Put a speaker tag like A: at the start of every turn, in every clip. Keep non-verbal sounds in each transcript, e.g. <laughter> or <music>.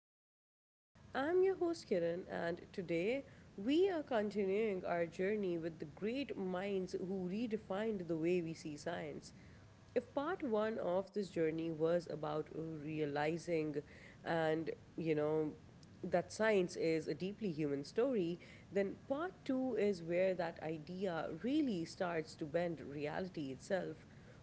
A: Mind Pod. I'm your host Kiran, and today we are continuing our journey with the great minds who redefined the way we see science. If part one of this journey was about realizing and, you know, that science is a deeply human story, then part two is where that idea really starts to bend reality itself.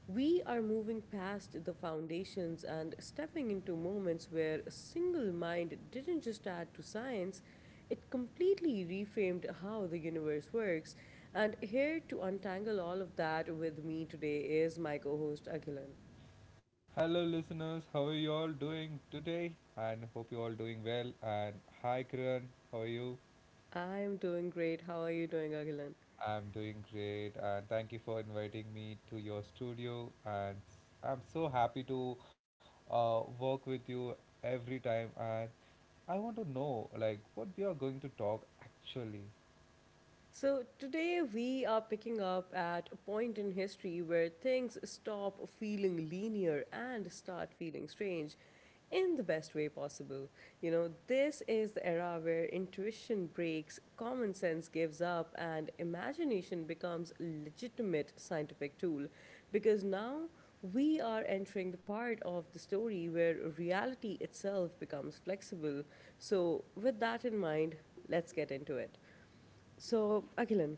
A: We are moving past the foundations and stepping into moments where a single mind didn't just add to science, it completely reframed how the universe works. And here to untangle all of that with me today is my co host Agilan.
B: Hello, listeners. How are you all doing today? And hope you all doing well. And hi, Kiran. How are you?
A: I'm doing great. How are you doing, Agilan?
B: I'm doing great, and thank you for inviting me to your studio. And I'm so happy to work with you every time. And I want to know, like, what we are going to talk actually.
A: So, today we are picking up at a point in history where things stop feeling linear and start feeling strange in the best way possible. You know, this is the era where intuition breaks, common sense gives up, and imagination becomes a legitimate scientific tool because now we are entering the part of the story where reality itself becomes flexible. So, with that in mind, let's get into it. So, Akhilan,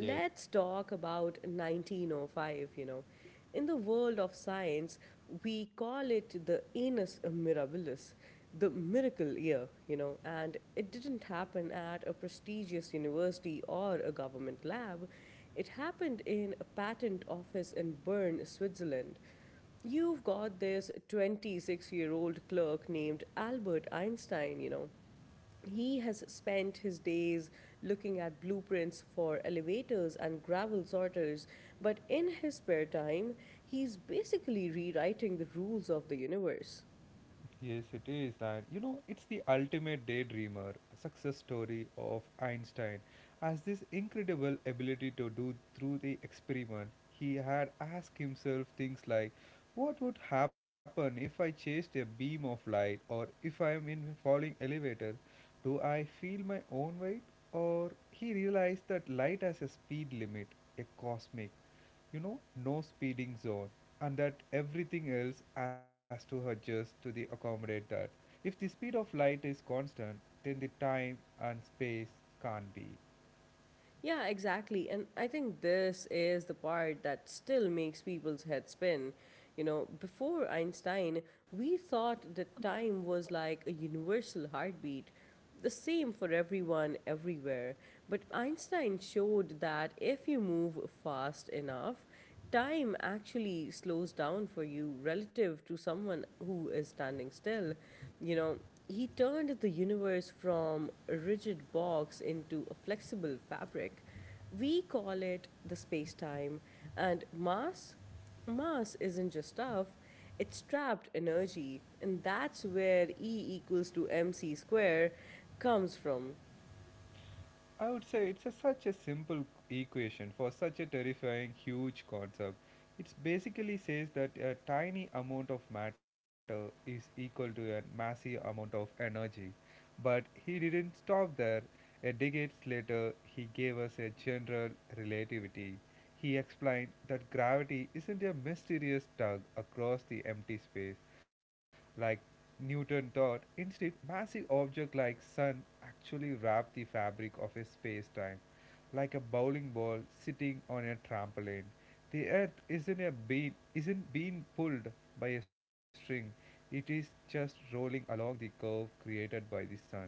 B: Yes,
A: talk about 1905. You know, in the world of science, we call it the annus mirabilis, the miracle year, you know, and it didn't happen at a prestigious university or a government lab. It happened in a patent office in Bern, Switzerland. You've got this 26-year-old clerk named Albert Einstein, you know, he has spent his days looking at blueprints for elevators and gravel sorters, but in his spare time, he's basically rewriting the rules of the universe.
B: yes, it is. And you know, it's the ultimate daydreamer success story of Einstein. As this incredible ability to do through the experiment, he had asked himself things like, what would happen if I chased a beam of light, or if I am in a falling elevator? Do I feel my own weight? Or he realized that light has a speed limit, a cosmic, you know, no speeding zone, and that everything else has to adjust to the accommodate that. If the speed of light is constant, then the time and space can't be.
A: Yeah, exactly. And I think this is the part that still makes people's heads spin. You know, before Einstein, we thought that time was like a universal heartbeat, the same for everyone everywhere. But Einstein showed that if you move fast enough, time actually slows down for you relative to someone who is standing still. You know, he turned the universe from a rigid box into a flexible fabric. We call it the space time, and mass isn't just stuff, it's trapped energy, and that's where e equals to mc square comes from.
B: I would say it's a, such a simple equation for such a terrifying, huge concept. It basically says that a tiny amount of matter is equal to a massive amount of energy. But he didn't stop there. A decade later, he gave us a general relativity. He explained that gravity isn't a mysterious tug across the empty space like Newton thought. Instead, massive objects like sun actually wrap the fabric of a space-time, like a bowling ball sitting on a trampoline. The earth isn't a bean isn't being pulled by a string. It is just rolling along the curve created by the sun.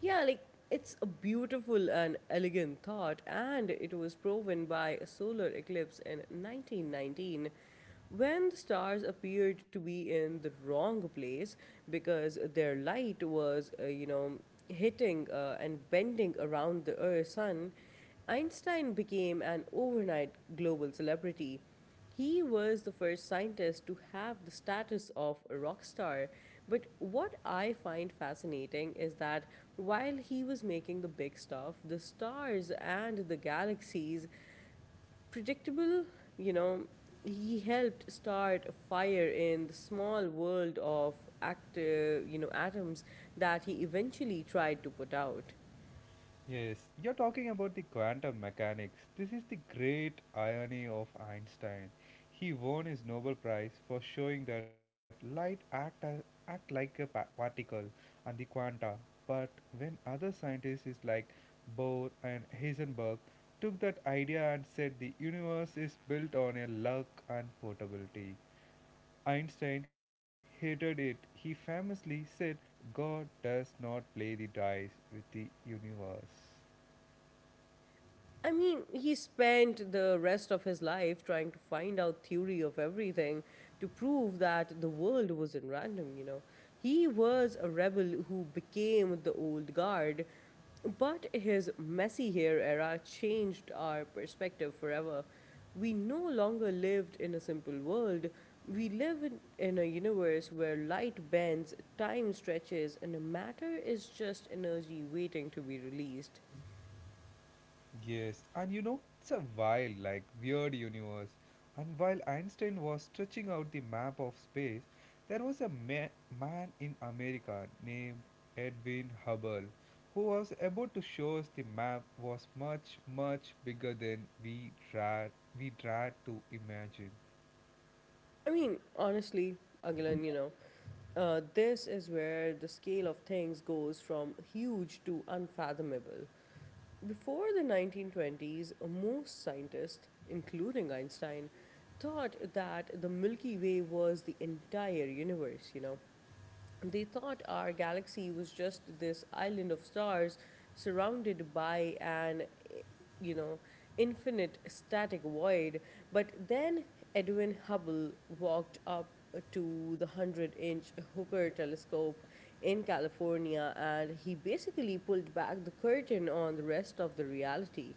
A: Yeah, like it's a beautiful and elegant thought, and it was proven by a solar eclipse in 1919 when the stars appeared to be in the wrong place because their light was, hitting and bending around the Earth's sun. Einstein became an overnight global celebrity. He was the first scientist to have the status of a rock star. But what I find fascinating is that while he was making the big stuff, the stars and the galaxies, predictable, you know, he helped start a fire in the small world of atoms that he eventually tried to put out.
B: Yes, you're talking about the quantum mechanics. This is the great irony of Einstein. He won his Nobel Prize for showing that light act like a particle and the quanta. But when other scientists is like Bohr and Heisenberg took that idea and said the universe is built on a luck and portability, Einstein hated it. He famously said, God does not play the dice with the universe.
A: I mean, he spent the rest of his life trying to find out theory of everything to prove that the world wasn't random, you know. He was a rebel who became the old guard, but his messy hair era changed our perspective forever. We no longer lived in a simple world. We live in a universe where light bends, time stretches, and matter is just energy waiting to be released.
B: Yes, and you know, it's a wild, like, weird universe. And while Einstein was stretching out the map of space, there was a man in America named Edwin Hubble who was about to show us the map was much, much bigger than we tried to imagine.
A: I mean, honestly, Agilan, you know, this is where the scale of things goes from huge to unfathomable. Before the 1920s, most scientists, including Einstein, thought that the Milky Way was the entire universe, you know. They thought our galaxy was just this island of stars surrounded by you know, infinite static void. But then Edwin Hubble walked up to the 100-inch inch Hooker telescope in California and he basically pulled back the curtain on the rest of the reality.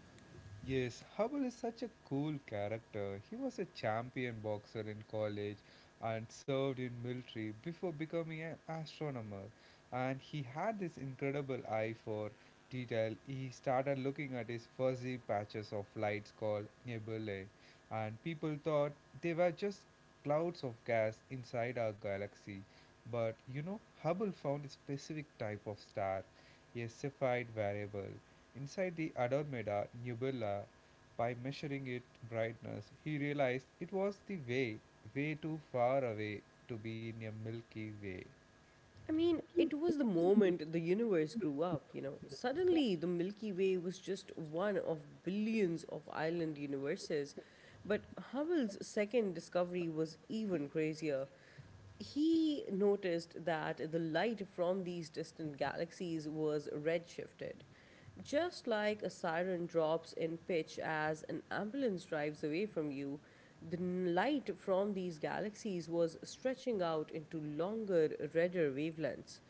B: Yes, Hubble is such a cool character. He was a champion boxer in college and served in military before becoming an astronomer. And he had this incredible eye for detail. He started looking at his fuzzy patches of lights called nebulae, and people thought they were just clouds of gas inside our galaxy. But you know, Hubble found a specific type of star, a Cepheid variable inside the Andromeda Nebula. By measuring its brightness, he realized it was the way, way too far away to be in a Milky Way.
A: I mean, it was the moment the universe grew up, you know. Suddenly, the Milky Way was just one of billions of island universes. But Hubble's second discovery was even crazier. He noticed that the light from these distant galaxies was redshifted. Just like a siren drops in pitch as an ambulance drives away from you, the light from these galaxies was stretching out into longer, redder wavelengths.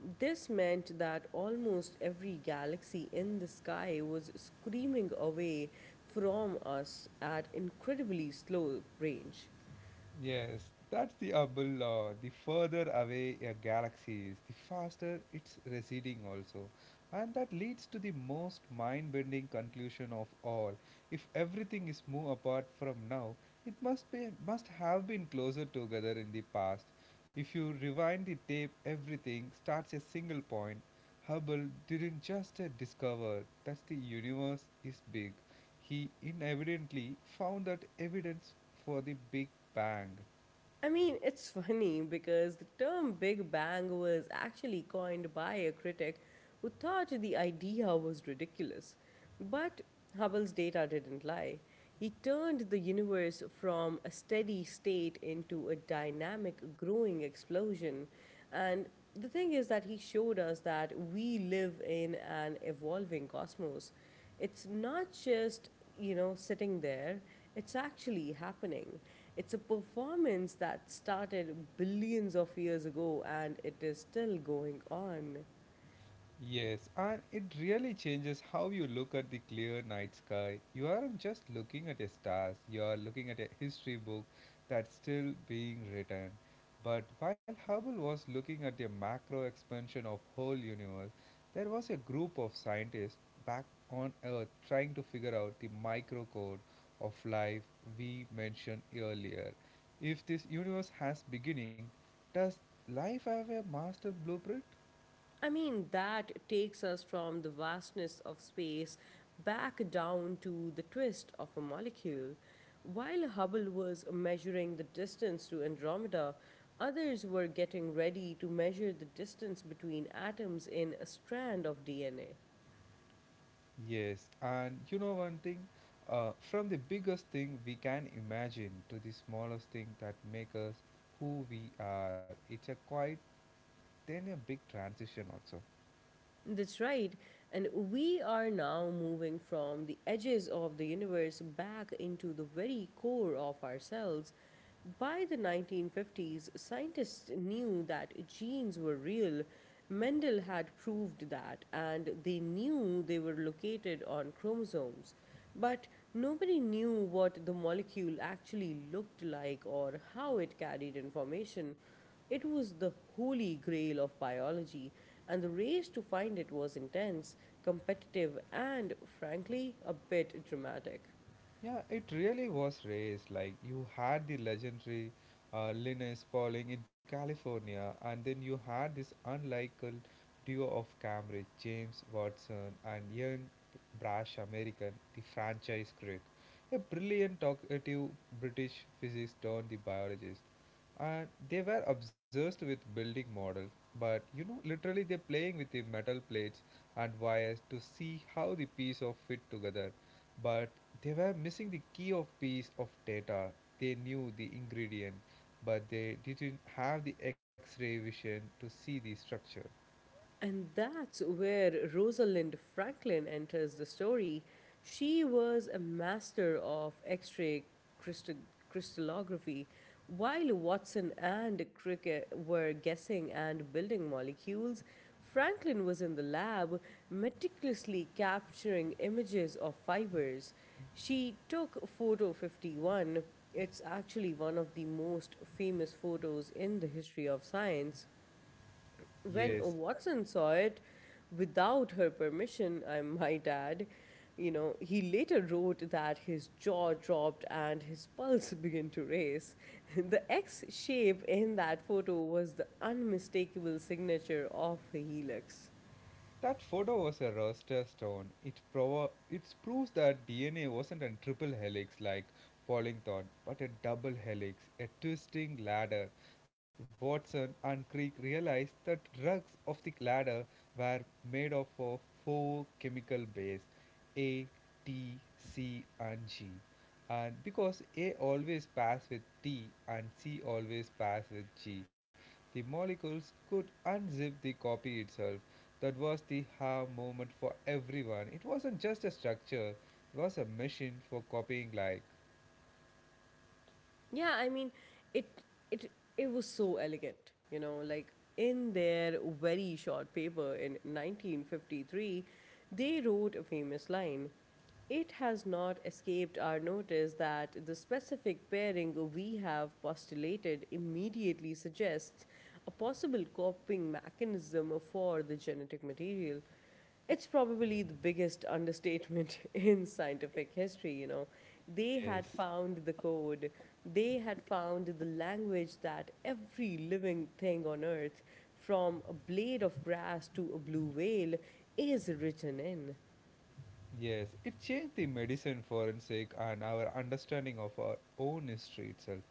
A: This meant that almost every galaxy in the sky was screaming away from us at incredibly slow range.
B: Yes, that's the Hubble law. The further away a galaxy is, the faster it's receding also. And that leads to the most mind-bending conclusion of all. If everything is move apart from now, it must be must have been closer together in the past. If you rewind the tape, everything starts a single point. Hubble didn't just discover that the universe is big, he inadvertently found that evidence for the Big Bang.
A: I mean, it's funny because the term Big Bang was actually coined by a critic who thought the idea was ridiculous. But Hubble's data didn't lie. He turned the universe from a steady state into a dynamic, growing explosion. And the thing is that he showed us that we live in an evolving cosmos. It's not just, you know, sitting there, it's actually happening. It's a performance that started billions of years ago and it is still going on.
B: Yes, and it really changes how you look at the clear night sky. You aren't just looking at the stars, you are looking at a history book that's still being written. But while Hubble was looking at the macro expansion of whole universe, there was a group of scientists back on earth trying to figure out the micro code of life we mentioned earlier. If this universe has beginning, does life have a master blueprint?
A: I mean, that takes us from the vastness of space back down to the twist of a molecule. While Hubble was measuring the distance to Andromeda, others were getting ready to measure the distance between atoms in a strand of DNA.
B: Yes, and you know one thing, from the biggest thing we can imagine to the smallest thing that make us who we are, it's a quite then a big transition also.
A: That's right. And we are now moving from the edges of the universe back into the very core of ourselves. By the 1950s, scientists knew that genes were real. Mendel had proved that, and they knew they were located on chromosomes. But nobody knew what the molecule actually looked like or how it carried information. It was the holy grail of biology, and the race to find it was intense, competitive, and frankly, a bit dramatic.
B: Yeah, it really was raised. Like you had the legendary Linus Pauling in California, and then you had this unlikely duo of Cambridge, James Watson, and young brash American, the franchise critic, a brilliant talkative British physicist turned the biologist. And they were obsessed with building models, but you know, literally they're playing with the metal plates and wires to see how the piece of fit together, but they were missing the key of piece of data. They knew the ingredient, but they didn't have the X-ray vision to see the structure.
A: And that's where Rosalind Franklin enters the story. She was a master of X ray crystallography, while Watson and Crick were guessing and building molecules. Franklin was in the lab, meticulously capturing images of fibers. She took photo 51. It's actually one of the most famous photos in the history of science. When
B: Yes,
A: Watson saw it, without her permission, I might add, you know, he later wrote that his jaw dropped and his pulse <laughs> began to race. <laughs> The X shape in that photo was the unmistakable signature of the helix.
B: that photo was a roster stone. It proves that DNA wasn't a triple helix like Pauling thought, but a double helix, a twisting ladder. Watson and Crick realized that rugs of the ladder were made of four chemical bases A, T, C, and G. And because A always pass with T and C always pass with G, the molecules could unzip the copy itself. That was the ha moment for everyone. It wasn't just a structure, it was a machine for copying like.
A: Yeah, I mean, it it it was so elegant, you know, like in their very short paper in 1953, they wrote a famous line. It has not escaped our notice that the specific pairing we have postulated immediately suggests a possible coping mechanism for the genetic material. It's probably the biggest understatement <laughs> in scientific history, you know, they
B: Yes.
A: had found the code. They had found the language that every living thing on earth, from a blade of grass to a blue whale, is written in.
B: Yes, it changed the medicine forensic and our understanding of our own history itself.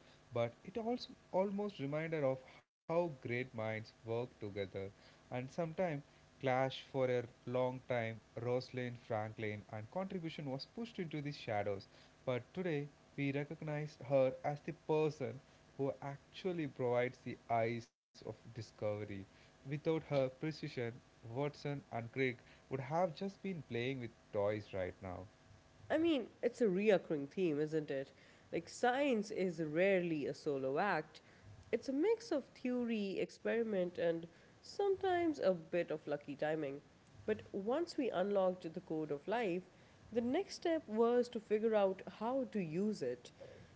B: But it also almost reminded of how great minds work together and sometimes clash for a long time. Rosalind Franklin and contribution was pushed into the shadows. But today we recognize her as the person who actually provides the eyes of discovery. Without her precision, Watson and Crick would have just been playing with toys right now.
A: I mean, it's a reoccurring theme, isn't it? Like, science is rarely a solo act. It's a mix of theory, experiment, and sometimes a bit of lucky timing. But once we unlocked the code of life, the next step was to figure out how to use it.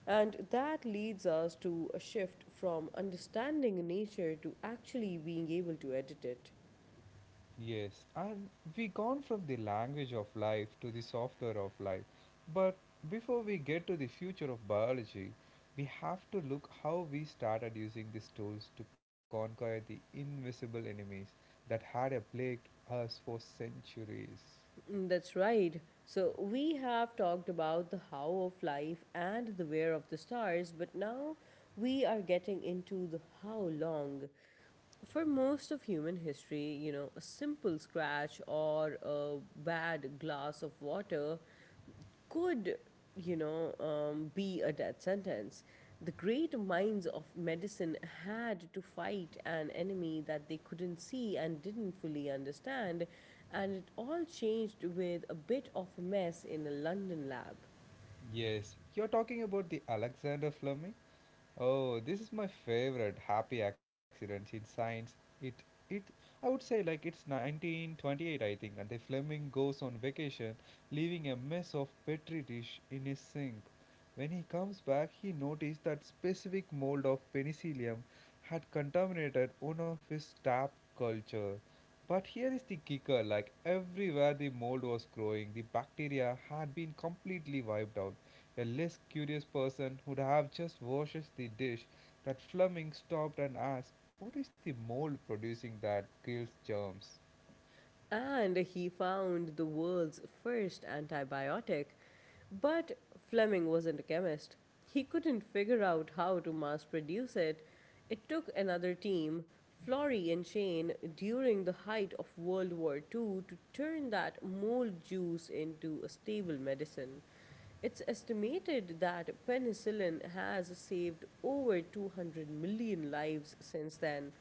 A: And that leads us to a shift from understanding nature to actually being able to edit it.
B: Yes, and we gone from the language of life to the software of life. But before we get to the future of biology, we have to look how we started using these tools to conquer the invisible enemies that had plagued us for centuries.
A: Mm, that's right. So, we have talked about the how of life and the where of the stars, but now we are getting into the how long. For most of human history, you know, a simple scratch or a bad glass of water could, be a death sentence. The great minds of medicine had to fight an enemy that they couldn't see and didn't fully understand, and it all changed with a bit of a mess in a London lab.
B: Yes, you're talking about the Alexander Fleming? Oh, this is my favorite happy accidents in science. It it I would say like it's 1928 I think and the Fleming goes on vacation leaving a mess of petri dish in his sink. When he comes back, he noticed that specific mold of penicillium had contaminated one of his tap culture. But here is the kicker like everywhere the mold was growing, the bacteria had been completely wiped out. The less curious person would have just washed the dish that Fleming stopped and asked, what is the mold producing that kills germs?
A: And he found the world's first antibiotic. But Fleming wasn't a chemist. He couldn't figure out how to mass produce it. It took another team, Florey and Shane, during the height of World War II to turn that mold juice into a stable medicine. It's estimated that penicillin has saved over 200 million lives since then.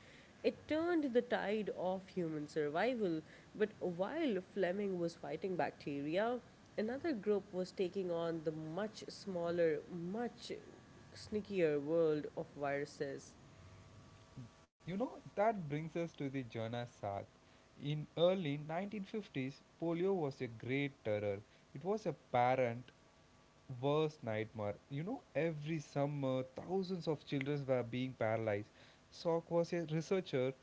A: It turned the tide of human survival, but while Fleming was fighting bacteria, another group was taking on the much smaller, much sneakier world of viruses.
B: You know, that brings us to the Jonas Salk. In early 1950s, polio was a great terror. It was a parent worst nightmare. You know, every summer, thousands of children were being paralyzed. Salk was a researcher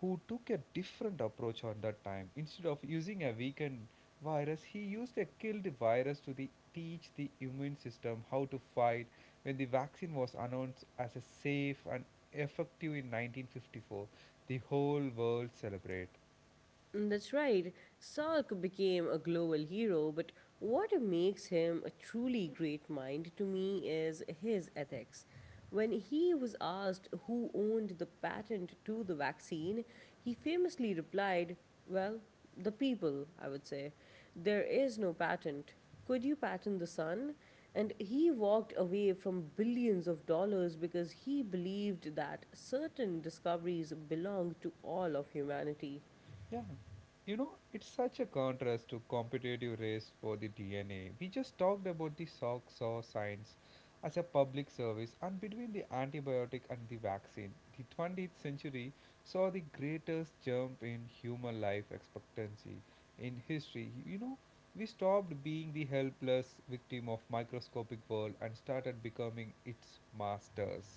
B: who took a different approach on that time. Instead of using a weakened virus, he used a killed virus to the, teach the immune system how to fight when the vaccine was announced as a safe and effective in 1954. The whole world celebrate.
A: Mm, that's right. Salk became a global hero, but what makes him a truly great mind to me is his ethics. When he was asked who owned the patent to the vaccine, he famously replied, "Well, the people, I would say. There is no patent. Could you patent the sun?" And he walked away from billions of dollars because he believed that certain discoveries belong to all of humanity.
B: Yeah, you know, it's such a contrast to competitive race for the DNA. We just talked about the socks or science as a public service, and between the antibiotic and the vaccine, the 20th century saw the greatest jump in human life expectancy in history. You know, we stopped being the helpless victim of microscopic world and started becoming its masters.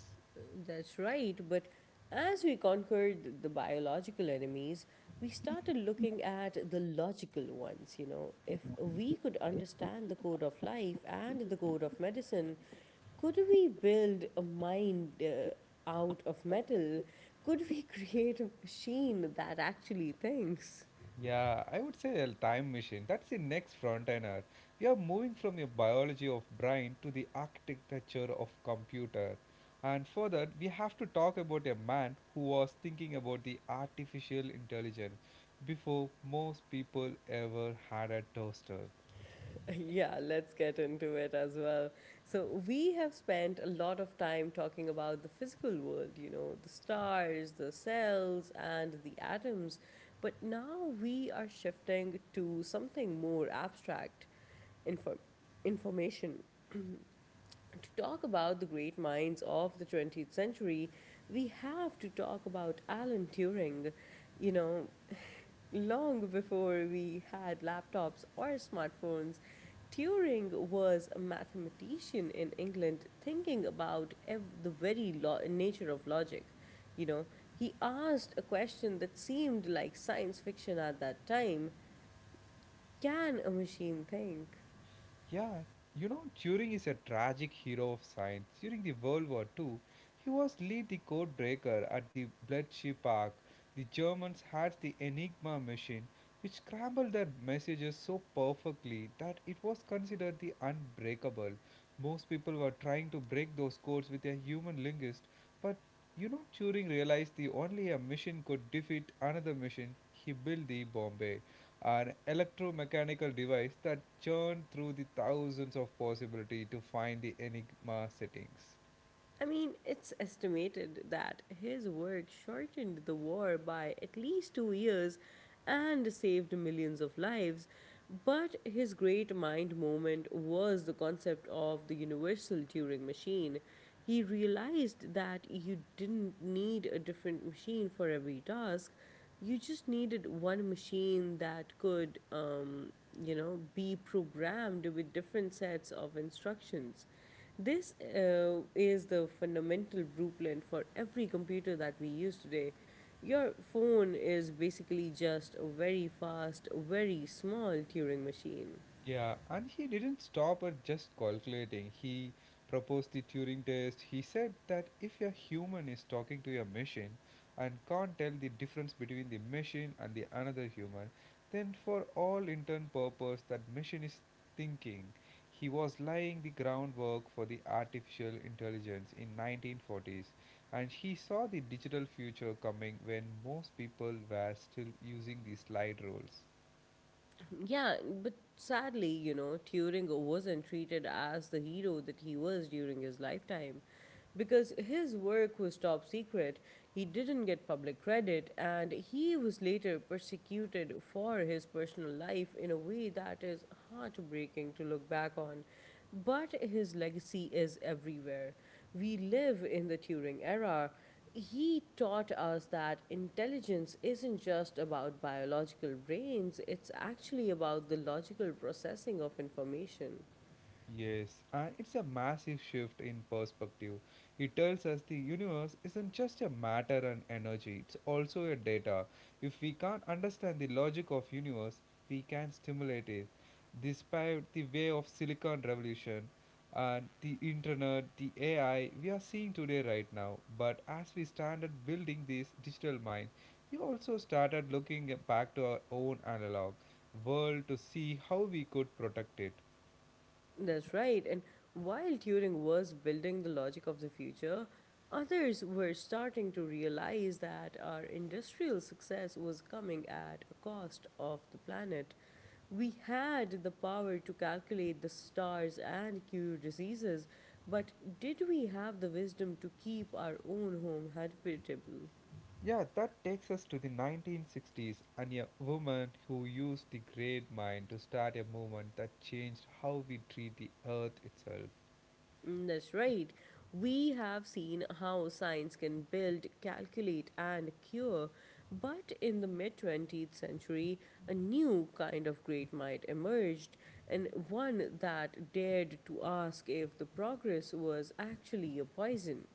A: That's right, but as we conquered the biological enemies, we started looking at the logical ones. You know, if we could understand the code of life and the code of medicine, could we build a mind out of metal? Could we <laughs> create a machine that actually thinks?
B: Yeah, I would say a time machine. That's the next frontier. We are moving from your biology of brain to the architecture of computer. And further, we have to talk about a man who was thinking about the artificial intelligence before most people ever had a toaster.
A: <laughs> Yeah, let's get into it as well. So, we have spent a lot of time talking about the physical world, you know, the stars, the cells, and the atoms. But now we are shifting to something more abstract, inform- information. To talk about the great minds of the 20th century, we have to talk about Alan Turing. You know, <laughs> long before we had laptops or smartphones, Turing was a mathematician in England thinking about the nature of logic. You know, he asked a question that seemed like science fiction at that time. Can a machine think?
B: Yeah, you know, Turing is a tragic hero of science. During the World War Two, he was lead the code breaker at the Bletchley Park. The Germans had the Enigma machine, which scrambled their messages so perfectly that it was considered the unbreakable. Most people were trying to break those codes with a human linguist, but you know, Turing realized the only a machine could defeat another machine. He built the Bombay, an electromechanical device that churned through the thousands of possibility to find the enigma settings.
A: I mean, it's estimated that his work shortened the war by at least 2 years and saved millions of lives. But his great mind moment was the concept of the universal Turing machine. He realized that you didn't need a different machine for every task. You just needed one machine that could be programmed with different sets of instructions. This is the fundamental blueprint for every computer that we use today. Your phone is basically just a very fast, very small Turing machine.
B: Yeah, and he didn't stop at just calculating. He proposed the Turing test. He said that if a human is talking to a machine and can't tell the difference between the machine and the another human, then for all intern purpose that machine is thinking. He was laying the groundwork for the artificial intelligence in 1940s and he saw the digital future coming when most people were still using the slide rules.
A: Yeah, but sadly, you know, Turing wasn't treated as the hero that he was during his lifetime. Because his work was top secret, he didn't get public credit, and he was later persecuted for his personal life in a way that is heartbreaking to look back on. But his legacy is everywhere. We live in the Turing era. He taught us that intelligence isn't just about biological brains, it's actually about the logical processing of information.
B: Yes, and it's a massive shift in perspective. It tells us the universe isn't just a matter and energy, it's also a data. If we can't understand the logic of universe, we can stimulate it. Despite the way of silicon revolution and the internet, the AI we are seeing today right now, but as we started building this digital mind, we also started looking back to our own analog world to see how we could protect it.
A: That's right. And while Turing was building the logic of the future, others were starting to realize that our industrial success was coming at a cost of the planet. We had the power to calculate the stars and cure diseases, but did we have the wisdom to keep our own home habitable?
B: Yeah, that takes us to the 1960s and a woman who used the great mind to start a movement that changed how we treat the earth itself.
A: Mm, that's right. We have seen how science can build, calculate, and cure, but in the mid 20th century, a new kind of great might emerged, and one that dared to ask if the progress was actually a poison.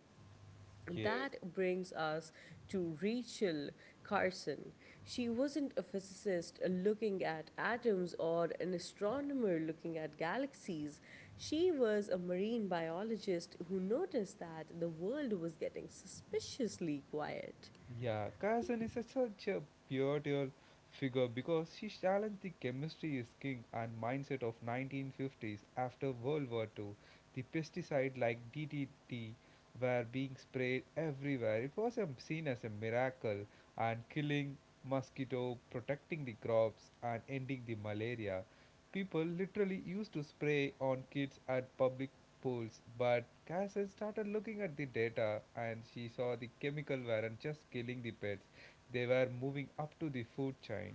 B: Yes.
A: That brings us to Rachel Carson. She wasn't a physicist looking at atoms or an astronomer looking at galaxies. She was a marine biologist who noticed that the world was getting suspiciously quiet.
B: Yeah, Kazan is such a pivotal figure because she challenged the chemistry is king and mindset of 1950s after World War II. The pesticide like DDT were being sprayed everywhere. It was seen as a miracle and killing mosquito, protecting the crops and ending the malaria. People literally used to spray on kids at public pools, but Cass started looking at the data and she saw the chemical weren't just killing the pets, they were moving up to the food chain.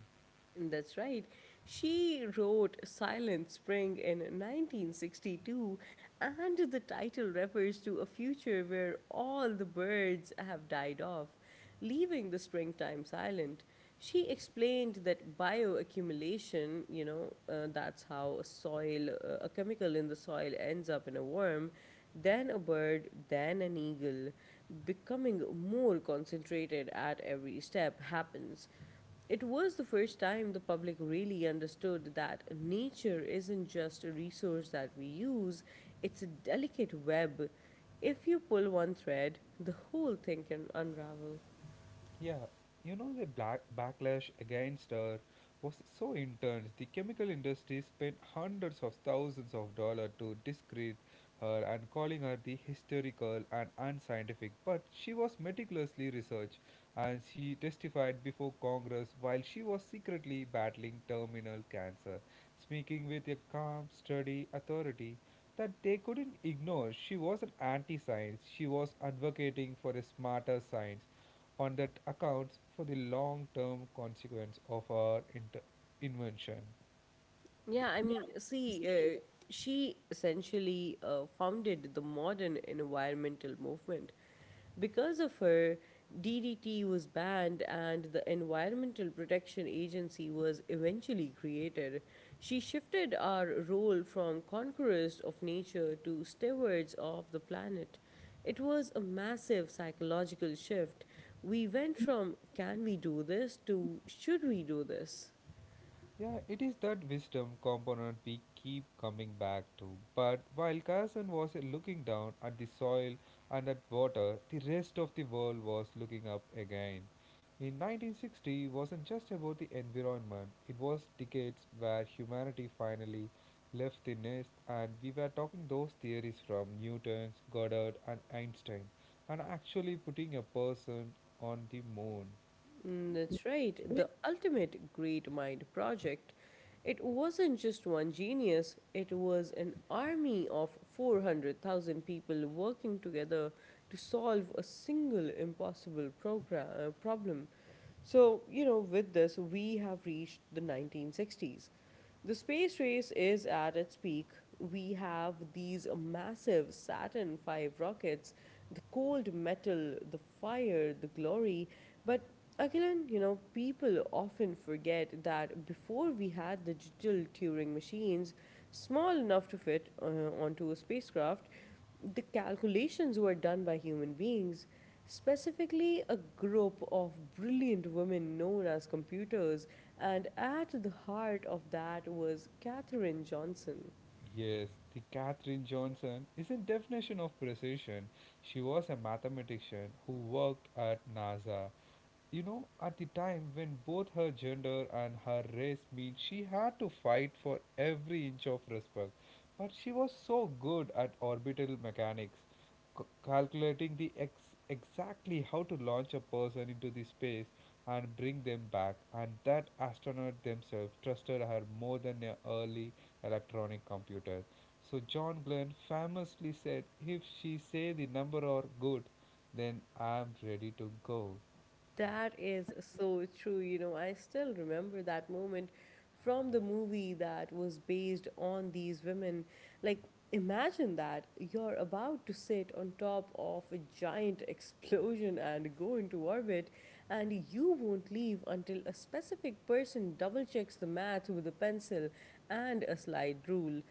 A: That's right. She wrote Silent Spring in 1962, and the title refers to a future where all the birds have died off, leaving the springtime silent. She explained that bioaccumulation, that's how a chemical in the soil ends up in a worm, then a bird, then an eagle, becoming more concentrated at every step happens. It was the first time the public really understood that nature isn't just a resource that we use, it's a delicate web. If you pull one thread, the whole thing can unravel.
B: Yeah, you know the black backlash against her was so intense. The chemical industry spent hundreds of thousands of dollars to discredit her and calling her the hysterical and unscientific. But she was meticulously researched and she testified before Congress while she was secretly battling terminal cancer, speaking with a calm, steady authority that they couldn't ignore. She wasn't anti science, she was advocating for a smarter science on that accounts for the long term consequence of our invention.
A: Yeah, I mean, she essentially founded the modern environmental movement. Because of her, DDT was banned and the Environmental Protection Agency was eventually created. She shifted our role from conquerors of nature to stewards of the planet. It was a massive psychological shift. We went from can we do this to should we do this?
B: Yeah, it is that wisdom component we keep coming back to. But while Carson was looking down at the soil and at water, the rest of the world was looking up again. In 1960 wasn't just about the environment, it was decades where humanity finally left the nest, and we were talking those theories from Newton, Goddard, and Einstein, and actually putting a person on the moon.
A: Mm, that's right. The ultimate great mind project. It wasn't just one genius, it was an army of 400,000 people working together to solve a single impossible problem. So, you know, with this, we have reached the 1960s. The space race is at its peak. We have these massive Saturn V rockets, the cold metal, the fire, the glory. But Akilan, you know, people often forget that before we had the digital Turing machines, small enough to fit onto a spacecraft, the calculations were done by human beings, specifically a group of brilliant women known as computers, and at the heart of that was Katherine Johnson.
B: Yes, the Katherine Johnson is a definition of precision. She was a mathematician who worked at NASA, you know, at the time when both her gender and her race mean she had to fight for every inch of respect. But she was so good at orbital mechanics, calculating exactly how to launch a person into the space and bring them back, and that astronaut themselves trusted her more than their early electronic computers. So John Glenn famously said, "If she say the number are good, then I'm ready to go."
A: That is so true. You know, I still remember that moment from the movie that was based on these women. Like, imagine that you're about to sit on top of a giant <laughs> explosion and go into orbit, and you won't leave until a specific person double checks the math with a pencil and a slide rule.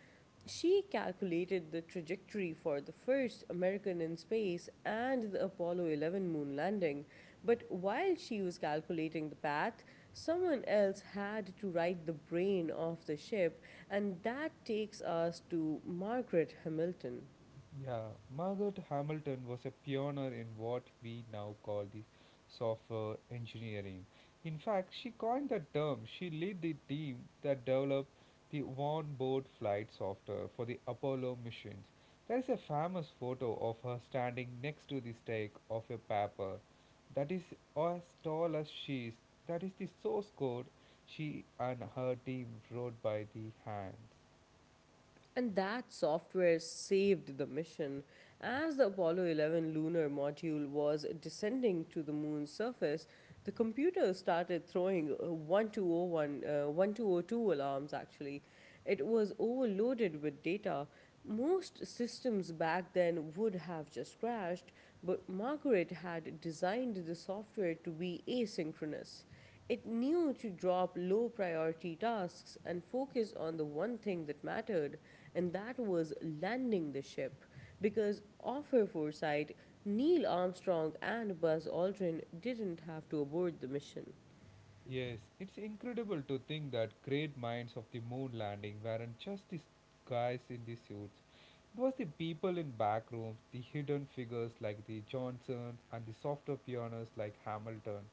A: She calculated the trajectory for the first American in space and the Apollo 11 moon landing. But while she was calculating the path, someone else had to write the brain of the ship, and that takes us to Margaret Hamilton.
B: Yeah, Margaret Hamilton was a pioneer in what we now call the software engineering. In fact, she coined the term. She led the team that developed the onboard flight software for the Apollo missions. There is a famous photo of her standing next to the stake of a paper that is as tall as she is. That is the source code she and her team wrote by the hand.
A: And that software saved the mission. As the Apollo 11 lunar module was descending to the moon's surface, the computer started throwing 1202 alarms actually. It was overloaded with data. Most systems back then would have just crashed, but Margaret had designed the software to be asynchronous. It knew to drop low priority tasks and focus on the one thing that mattered, and that was landing the ship. Because of her foresight, Neil Armstrong and Buzz Aldrin didn't have to abort the mission.
B: Yes, it's incredible to think that great minds of the moon landing weren't just the guys in the suits. It was the people in back rooms, the hidden figures like the Johnsons and the softer pianists like Hamilton.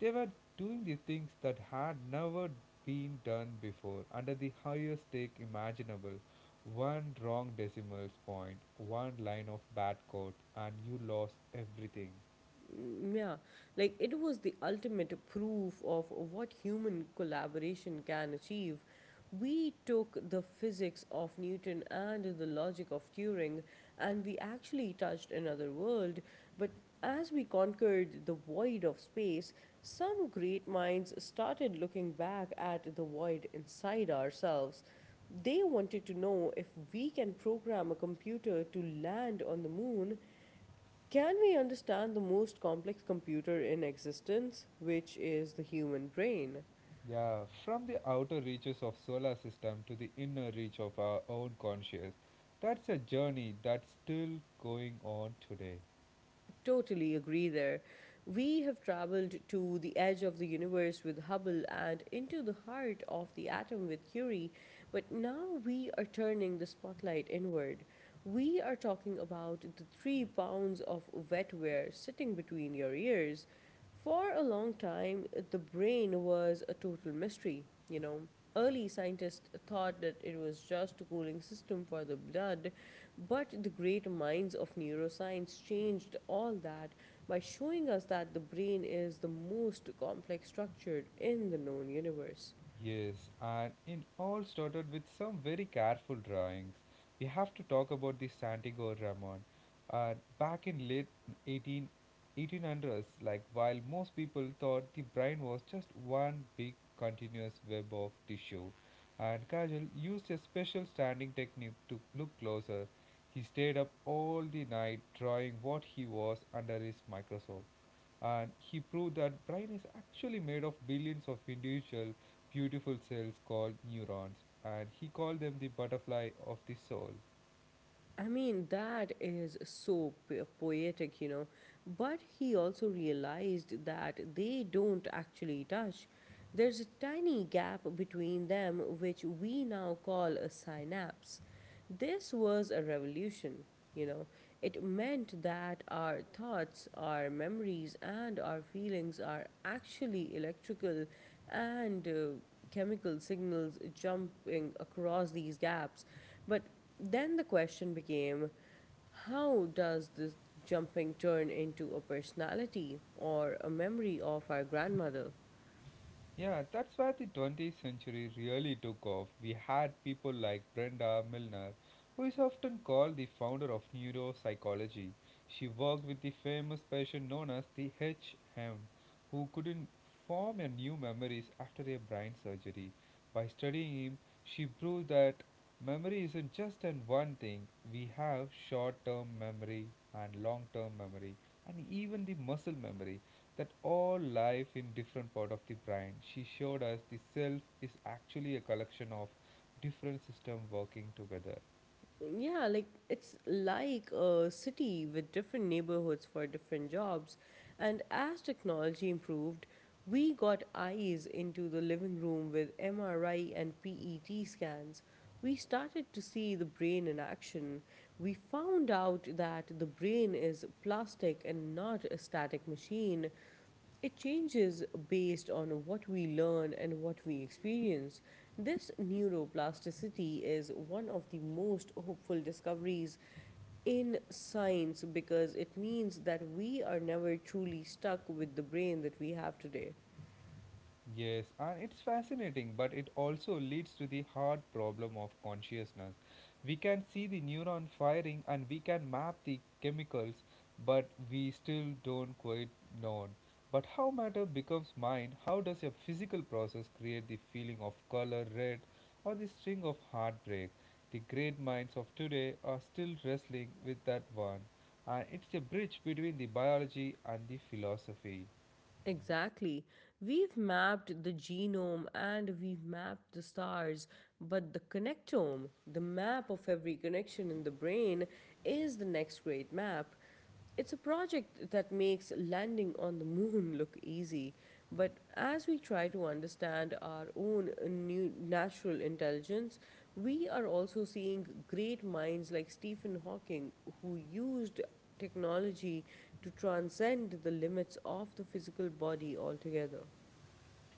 B: They were doing the things that had never been done before under the highest stake imaginable. One wrong decimal point, one line of bad code, and you lost everything.
A: Mm, yeah, like it was the ultimate proof of what human collaboration can achieve. We took the physics of Newton and the logic of Turing, and we actually touched another world. But as we conquered the void of space, some great minds started looking back at the void inside ourselves. They wanted to know if we can program a computer to land on the moon, can we understand the most complex computer in existence, which is the human brain?
B: Yeah, from the outer reaches of solar system to the inner reach of our own conscious. That's a journey that's still going on today.
A: Totally agree there. We have traveled to the edge of the universe with Hubble and into the heart of the atom with Curie, but now we are turning the spotlight inward. We are talking about the three pounds of wetware sitting between your ears. For a long time, the brain was a total mystery, you know. Early scientists thought that it was just a cooling system for the blood, but the great minds of neuroscience changed all that by showing us that the brain is the most complex structure in the known universe.
B: Yes, and it all started with some very careful drawings. We have to talk about the Santiago Ramon. Uh, Back in late 18, eighteen hundreds, like while most people thought the brain was just one big continuous web of tissue, and Kajal used a special standing technique to look closer. He stayed up all the night drawing what he was under his microscope and he proved that brain is actually made of billions of individual beautiful cells called neurons and he called them the butterfly of the soul.
A: I mean, that is so poetic, you know. But he also realized that they don't actually touch. There's a tiny gap between them, which we now call a synapse. This was a revolution, you know. It meant that our thoughts, our memories, and our feelings are actually electrical and chemical signals jumping across these gaps. But then the question became, how does this jumping turn into a personality or a memory of our grandmother?
B: Yeah, that's where the 20th century really took off. We had people like Brenda Milner, who is often called the founder of neuropsychology. She worked with the famous patient known as the HM, who couldn't form a new memories after a brain surgery. By studying him, she proved that memory isn't just an one thing. We have short-term memory and long-term memory and even the muscle memory that all life in different part of the brain. She showed us the self is actually a collection of different system working together.
A: Yeah, like it's like a city with different neighborhoods for different jobs. And as technology improved, we got eyes into the living room with MRI and PET scans. We started to see the brain in action. We found out that the brain is plastic and not a static machine. It changes based on what we learn and what we experience. This neuroplasticity is one of the most hopeful discoveries in science because it means that we are never truly stuck with the brain that we have today.
B: Yes, and it's fascinating, but it also leads to the hard problem of consciousness. We can see the neuron firing and we can map the chemicals, but we still don't quite know. But how matter becomes mind, how does a physical process create the feeling of color red or the string of heartbreak? The great minds of today are still wrestling with that one, and it's a bridge between the biology and the philosophy.
A: Exactly. We've mapped the genome and we've mapped the stars, but the connectome, the map of every connection in the brain, is the next great map. It's a project that makes landing on the moon <laughs> look easy, but as we try to understand our own new natural intelligence, we are also seeing great minds like Stephen Hawking who used technology to transcend the limits of the physical body altogether.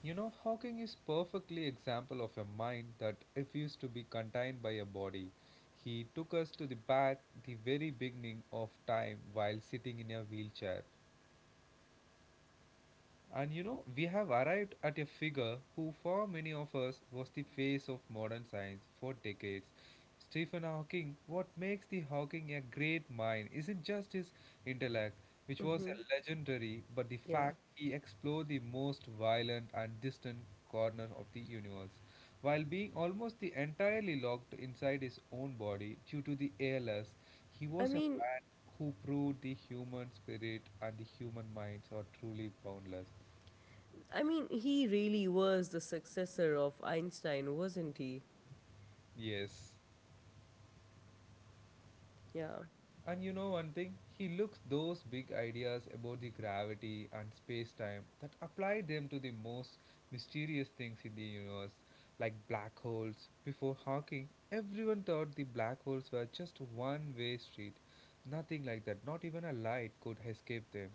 B: You know, Hawking is perfectly example of a mind that refused to be contained by a body. He took us to the back, the very beginning of time, while sitting in a wheelchair. And you know, we have arrived at a figure who, for many of us, was the face of modern science for decades. Stephen Hawking, what makes the Hawking a great mind isn't just his intellect, which was
A: Mm-hmm.
B: a legendary, but the
A: Yeah.
B: fact he explored the most violent and distant corner of the universe, while being almost the entirely locked inside his own body due to the ALS. He
A: I
B: was a
A: mean,
B: man who proved the human spirit and the human minds are truly boundless.
A: I mean, he really was the successor of Einstein, wasn't he?
B: Yes.
A: Yeah.
B: And you know one thing? He looks those big ideas about the gravity and space time that apply them to the most mysterious things in the universe, like black holes. Before Hawking, everyone thought the black holes were just one way street. Nothing like that, not even a light could escape them.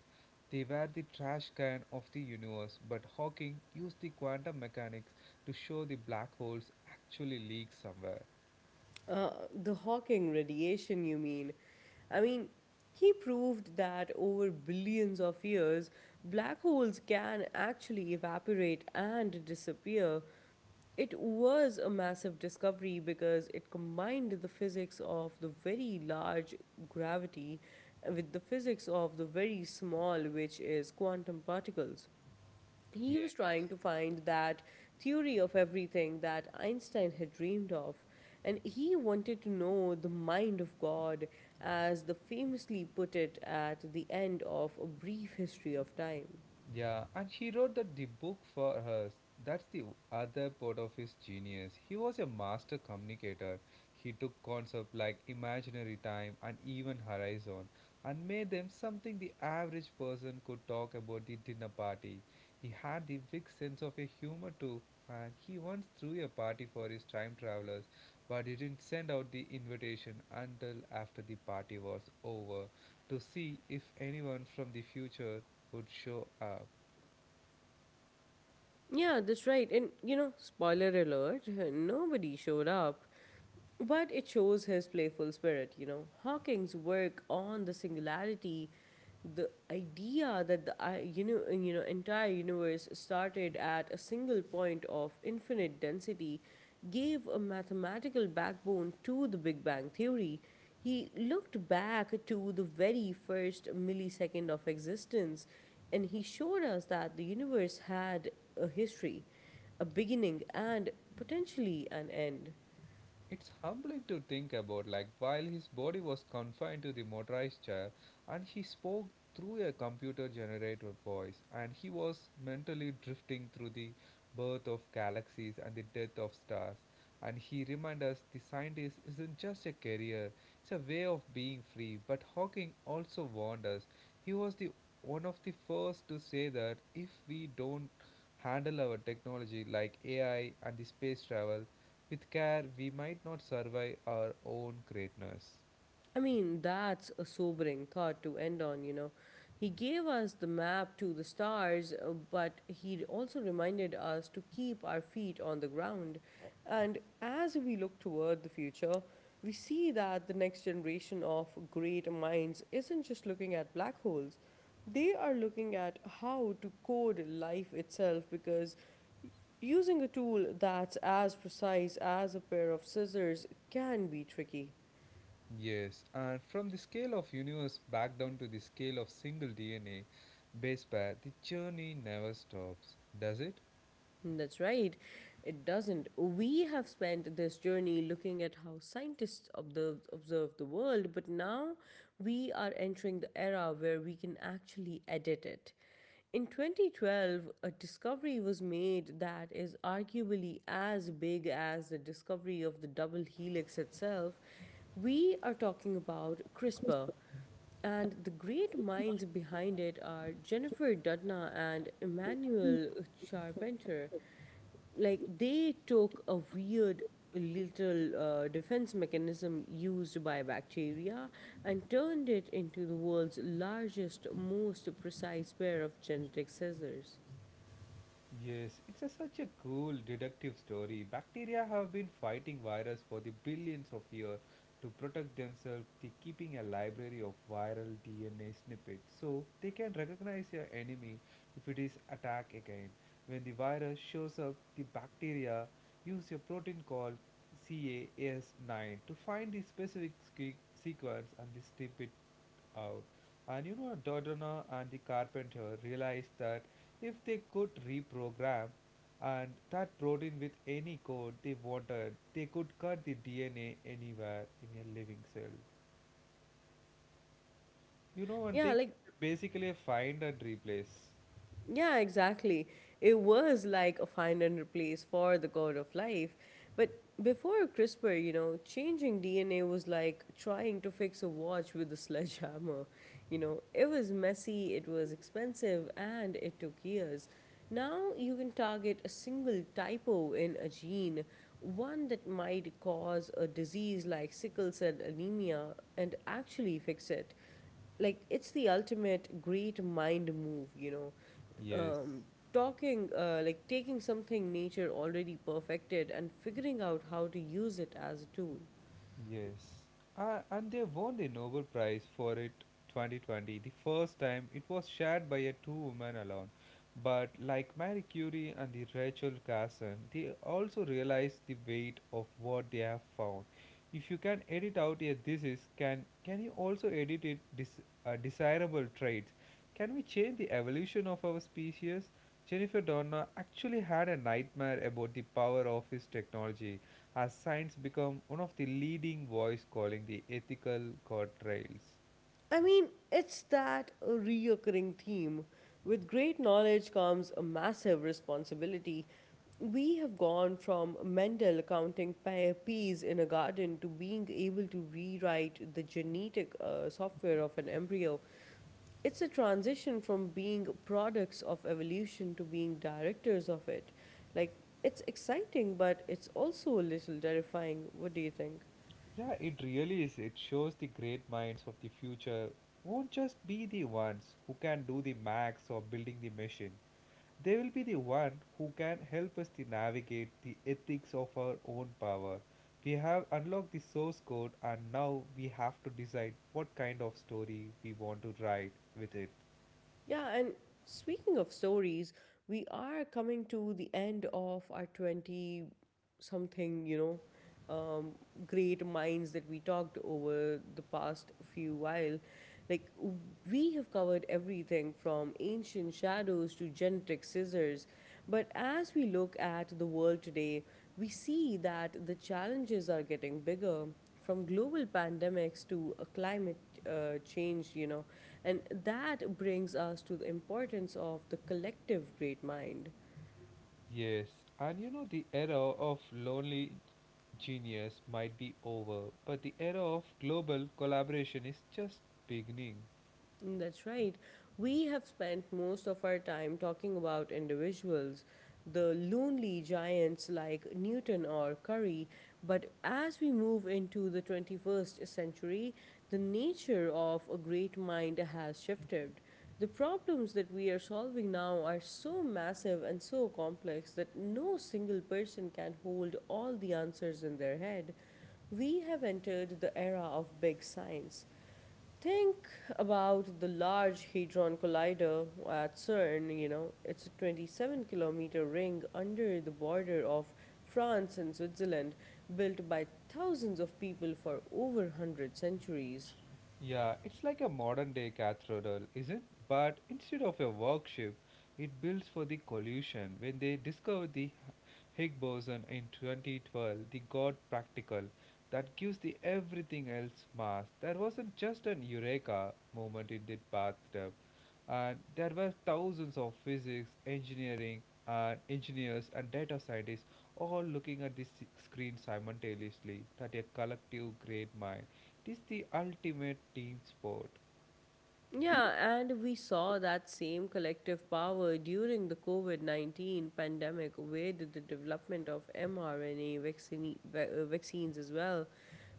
B: They were the trash can of the universe, but Hawking used the quantum mechanics to show the black holes actually leak somewhere.
A: The Hawking radiation, you mean? I mean, he proved that over billions of years, black holes can actually evaporate and disappear. It was a massive discovery because it combined the physics of the very large, gravity, with the physics of the very small, which is quantum particles. He was
B: Yes.
A: trying to find that theory of everything that Einstein had dreamed of, and he wanted to know the mind of God, as the famously put it at the end of A Brief History of Time.
B: Yeah, and he wrote that the book for her. That's the other part of his genius. He was a master communicator. He took concepts like imaginary time and even horizon and made them something the average person could talk about the dinner party. He had the big sense of a humor too, and he once threw a party for his time travelers, but he didn't send out the invitation until after the party was over to see if anyone from the future would show up.
A: Yeah, that's right. And you know, spoiler alert, nobody showed up. But it shows his playful spirit, you know. Hawking's work on the singularity, the idea that the entire universe started at a single point of infinite density, gave a mathematical backbone to the Big Bang theory. He looked back to the very first millisecond of existence, and he showed us that the universe had a history, a beginning, and potentially an end.
B: It's humbling to think about, like, while his body was confined to the motorized chair and he spoke through a computer generated voice, and he was mentally drifting through the birth of galaxies and the death of stars. And he reminds us the scientist isn't just a career, it's a way of being free. But Hawking also warned us. He was the one of the first to say that if we don't handle our technology like AI and the space travel, with care, we might not survive our own greatness.
A: I mean, that's a sobering thought to end on, you know. He gave us the map to the stars, but he also reminded us to keep our feet on the ground. And as we look toward the future, we see that the next generation of great minds isn't just looking at black holes, they are looking at how to code life itself, because using a tool that's as precise as a pair of scissors can be tricky.
B: Yes, and from the scale of universe back down to the scale of single DNA base pair, the journey never stops, does it?
A: That's right. It doesn't. We have spent this journey looking at how scientists observe the world, but now we are entering the era where we can actually edit it. In 2012, a discovery was made that is arguably as big as the discovery of the double helix itself. We are talking about CRISPR, and the great minds behind it are Jennifer Doudna and Emmanuel Charpentier. Like, they took a weird little defense mechanism used by bacteria and turned it into the world's largest, most precise pair of genetic scissors.
B: Yes, it's a, such a cool deductive story. Bacteria have been fighting virus for the billions of years to protect themselves by keeping a library of viral DNA snippets so they can recognize your enemy if it is attacked again. When the virus shows up, the bacteria use a protein called CAS9 to find the specific sequence and they strip it out. And you know, Dodona and the carpenter realized that if they could reprogram and that protein with any code they wanted, they could cut the DNA anywhere in a living cell. You know, one
A: Yeah,
B: thing
A: like
B: basically a find and replace.
A: yeah, exactly. It was like a find and replace for the code of life. But before CRISPR, you know, changing DNA was like trying to fix a watch with a sledgehammer. You know, it was messy, it was expensive, and it took years. Now you can target a single typo in a gene, one that might cause a disease like sickle cell anemia, and actually fix it. It's the ultimate great mind move
B: Yes.
A: um, Talking, like taking something nature already perfected and figuring out how to use it as a tool.
B: Yes, and they won the Nobel Prize for it 2020, the first time it was shared by a two women alone. But like Marie Curie and the Rachel Carson, they also realized the weight of what they have found. If you can edit out a disease, can you also edit it desirable traits? Can we change the evolution of our species? Jennifer Doudna actually had a nightmare about the power of his technology has science become one of the leading voice calling the ethical guardrails?
A: I mean, it's that reoccurring theme. With great knowledge comes a massive responsibility. We have gone from Mendel counting peas in a garden to being able to rewrite the genetic software of an embryo. It's a transition from being products of evolution to being directors of it. Like, it's exciting, but it's also a little terrifying. What do you think?
B: Yeah, it really is. It shows the great minds of the future won't just be the ones who can do the max or building the machine. They will be the one who can help us to navigate the ethics of our own power. We have unlocked the source code and now we have to decide what kind of story we want to write with it.
A: Yeah, and speaking of stories, we are coming to the end of our 20 something, um, great minds that we talked over the past few while. Like, we have covered everything from ancient shadows to genetic scissors, but as we look at the world today, we see that the challenges are getting bigger, from global pandemics to a climate change, you know. And that brings us to the importance of the collective great mind.
B: Yes, and you know, the era of lonely genius might be over, but the era of global collaboration is just beginning.
A: That's right. We have spent most of our time talking about individuals, the lonely giants like Newton or Curry, but as we move into the 21st century, the nature of a great mind has shifted. The problems that we are solving now are so massive and so complex that no single person can hold all the answers in their head. We have entered the era of big science. Think about the Large Hadron Collider at CERN. You know, it's a 27-kilometer ring under the border of France and Switzerland, built by thousands of people for over 100 centuries.
B: Yeah, it's like a modern day cathedral, is it? But instead of a workship, it builds for the collusion. When they discovered the Higgs boson in 2012, the God practical that gives the everything else mass. That wasn't just an eureka moment in the bathtub, and there were thousands of physics, engineering, and engineers and data scientists all looking at this screen simultaneously. That a collective great mind it is the ultimate team sport.
A: Yeah, and we saw that same collective power during the COVID 19 pandemic with the development of mRNA vaccines as well.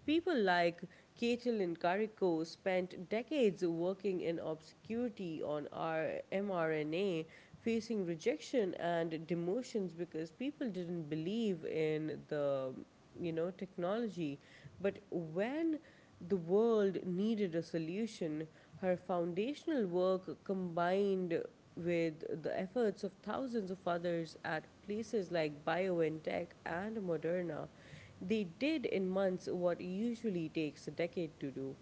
A: People like Caitlin Carrico spent decades working in obscurity on our mRNA, facing rejection and demotions because people didn't believe in the technology. But when the world needed a solution, her foundational work combined with the efforts of thousands of others at places like BioNTech and Moderna, they did in months what usually takes a decade to do.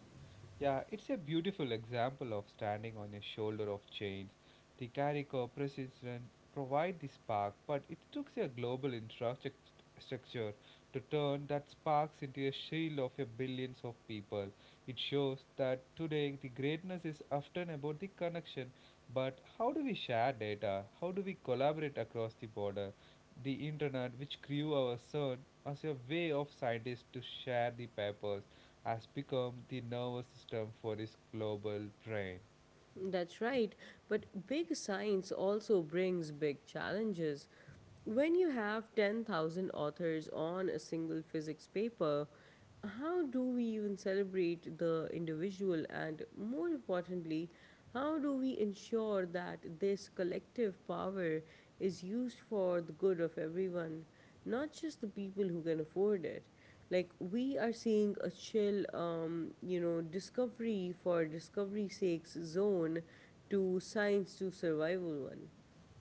B: Yeah, it's a beautiful example of standing on a shoulder of chains. The Carico precision provide the spark, but it took a global infrastructure to turn that sparks into a shield of a billions of people. It shows that today the greatness is often about the connection, but how do we share data? How do we collaborate across the border? The internet, which grew our CERN as a way of scientists to share the papers has become the nervous system for his global brain.
A: That's right, but big science also brings big challenges. When you have 10,000 authors on a single physics paper, how do we even celebrate the individual and, more importantly, how do we ensure that this collective power is used for the good of everyone? Not just the people who can afford it. Like, we are seeing a chill discovery for discovery's sakes zone to science to survival one.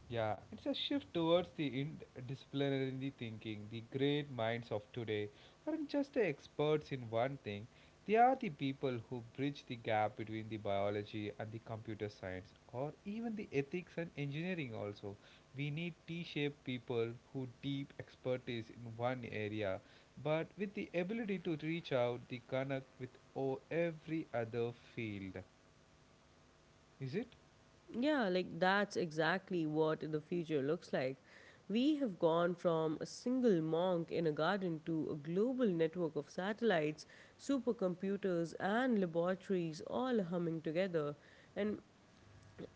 B: Yeah, it's a shift towards the interdisciplinary thinking. The great minds of today aren't just the experts in one thing, they are the people who bridge the gap between the biology and the computer science, or even the ethics and engineering. Also, we need T shaped people who deep expertise in one area, but with the ability to reach out the connect with every other field. Is it?
A: Yeah, like that's exactly what the future looks like. We have gone from a single monk in a garden to a global network of satellites, supercomputers and laboratories all humming together. And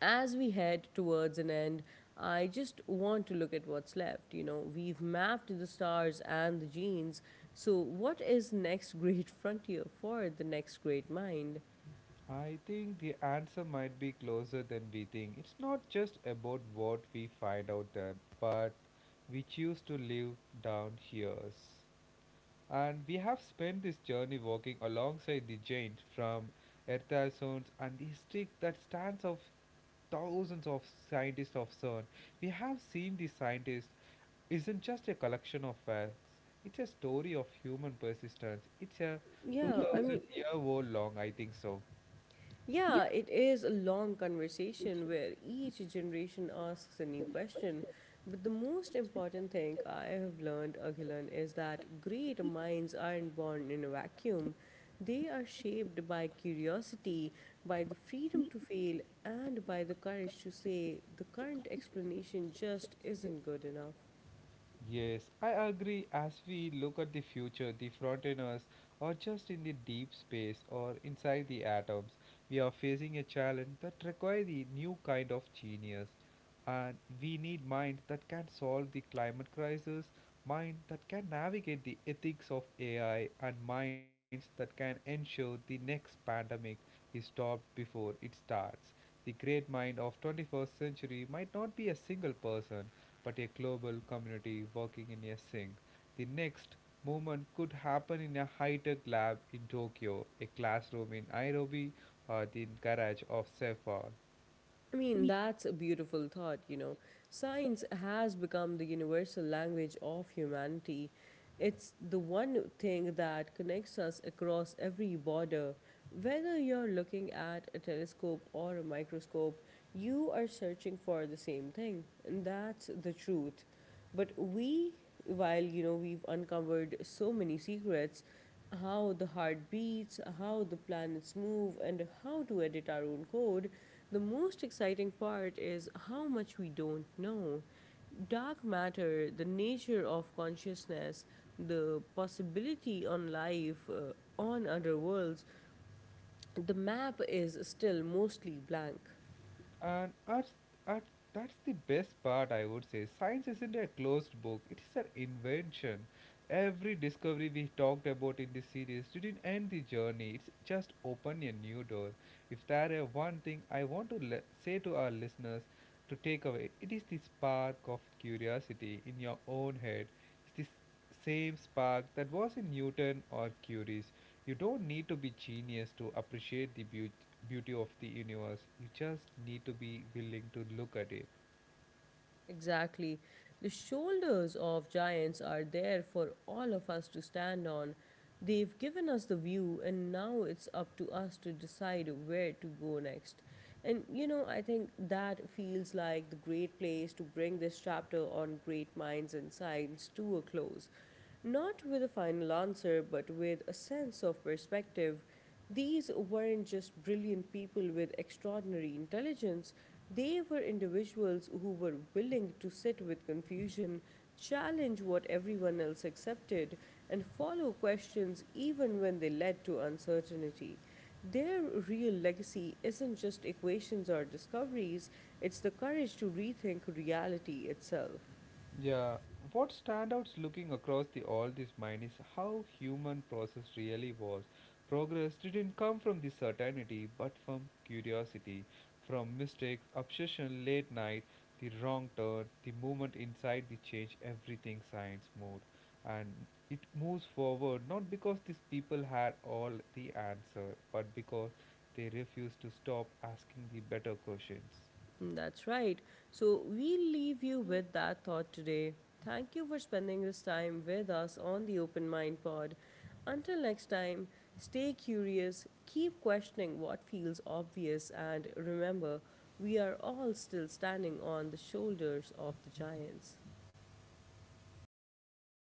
A: as we head towards an end, I just want to look at what's left. You know, we've mapped the stars and the genes. So, what is next <laughs> great frontier for the next great mind?
B: I think the answer might be closer than we think. It's not just about what we find out there, but we choose to live down here. And we have spent this journey walking alongside the giant from Ertasun's and the streak that stands of thousands of scientists of CERN. We have seen the scientists isn't just a collection of facts. It's a story of human persistence. It's a
A: Yeah, I
B: 2,000
A: mean,
B: year old long, I think so.
A: Yeah, it is a long conversation where each generation asks a new question. But the most important thing I have learned, Aghilan, is that great minds aren't born in a vacuum. They are shaped by curiosity, by the freedom to fail, and by the courage to say the current explanation just isn't good enough.
B: Yes, I agree. As we look at the future, the frontiers are just in the deep space or inside the atoms. We are facing a challenge that requires a new kind of genius. And we need mind that can solve the climate crisis, mind that can navigate the ethics of AI, and minds that can ensure the next pandemic is stopped before it starts. The great mind of 21st century might not be a single person but a global community working in a sync. The next movement could happen in a high tech lab in Tokyo, a classroom in Nairobi, or the garage of Sefa.
A: I mean, that's a beautiful thought, you know. Science has become the universal language of humanity. It's the one thing that connects us across every border. Whether you're looking at a telescope or a microscope, you are searching for the same thing, and that's the truth. But we, while, we've uncovered so many secrets: how the heart beats, how the planets move, and how to edit our own code. The most exciting part is how much we don't know. Dark matter, the nature of consciousness, the possibility on life, on other worlds, the map is still mostly blank.
B: And that's, that- that's the best part, I would say. Science isn't a closed book, it is an invention. Every discovery we talked about in this series didn't end the journey, it's just open a new door. If there is one thing I want to say to our listeners to take away, it is the spark of curiosity in your own head. It's the same spark that was in Newton or Curie's. You don't need to be genius to appreciate the beauty of the universe. You just need to be willing to look at it.
A: Exactly. The shoulders of giants are there for all of us to stand on. They've given us the view, and now it's up to us to decide where to go next. And you know, I think that feels like the great place to bring this chapter on great minds and science to a close. Not with a final answer, but with a sense of perspective. These weren't just brilliant people with extraordinary intelligence, they were individuals who were willing to sit with confusion, challenge what everyone else accepted, and follow questions even when they led to uncertainty. Their real legacy isn't just equations or discoveries, it's the courage to rethink reality itself.
B: Yeah, what standouts looking across the all this mind is how human process really was. Progress didn't come from the certainty, but from curiosity, from mistakes, obsession, late night, the wrong turn, the movement inside the change, everything science moved, and it moves forward not because these people had all the answer, but because they refused to stop asking the better questions.
A: That's right. So we leave you with that thought today. Thank you for spending this time with us on the Open Mind Pod. Until next time, stay curious, keep questioning what feels obvious, and remember, we are all still standing on the shoulders of the giants.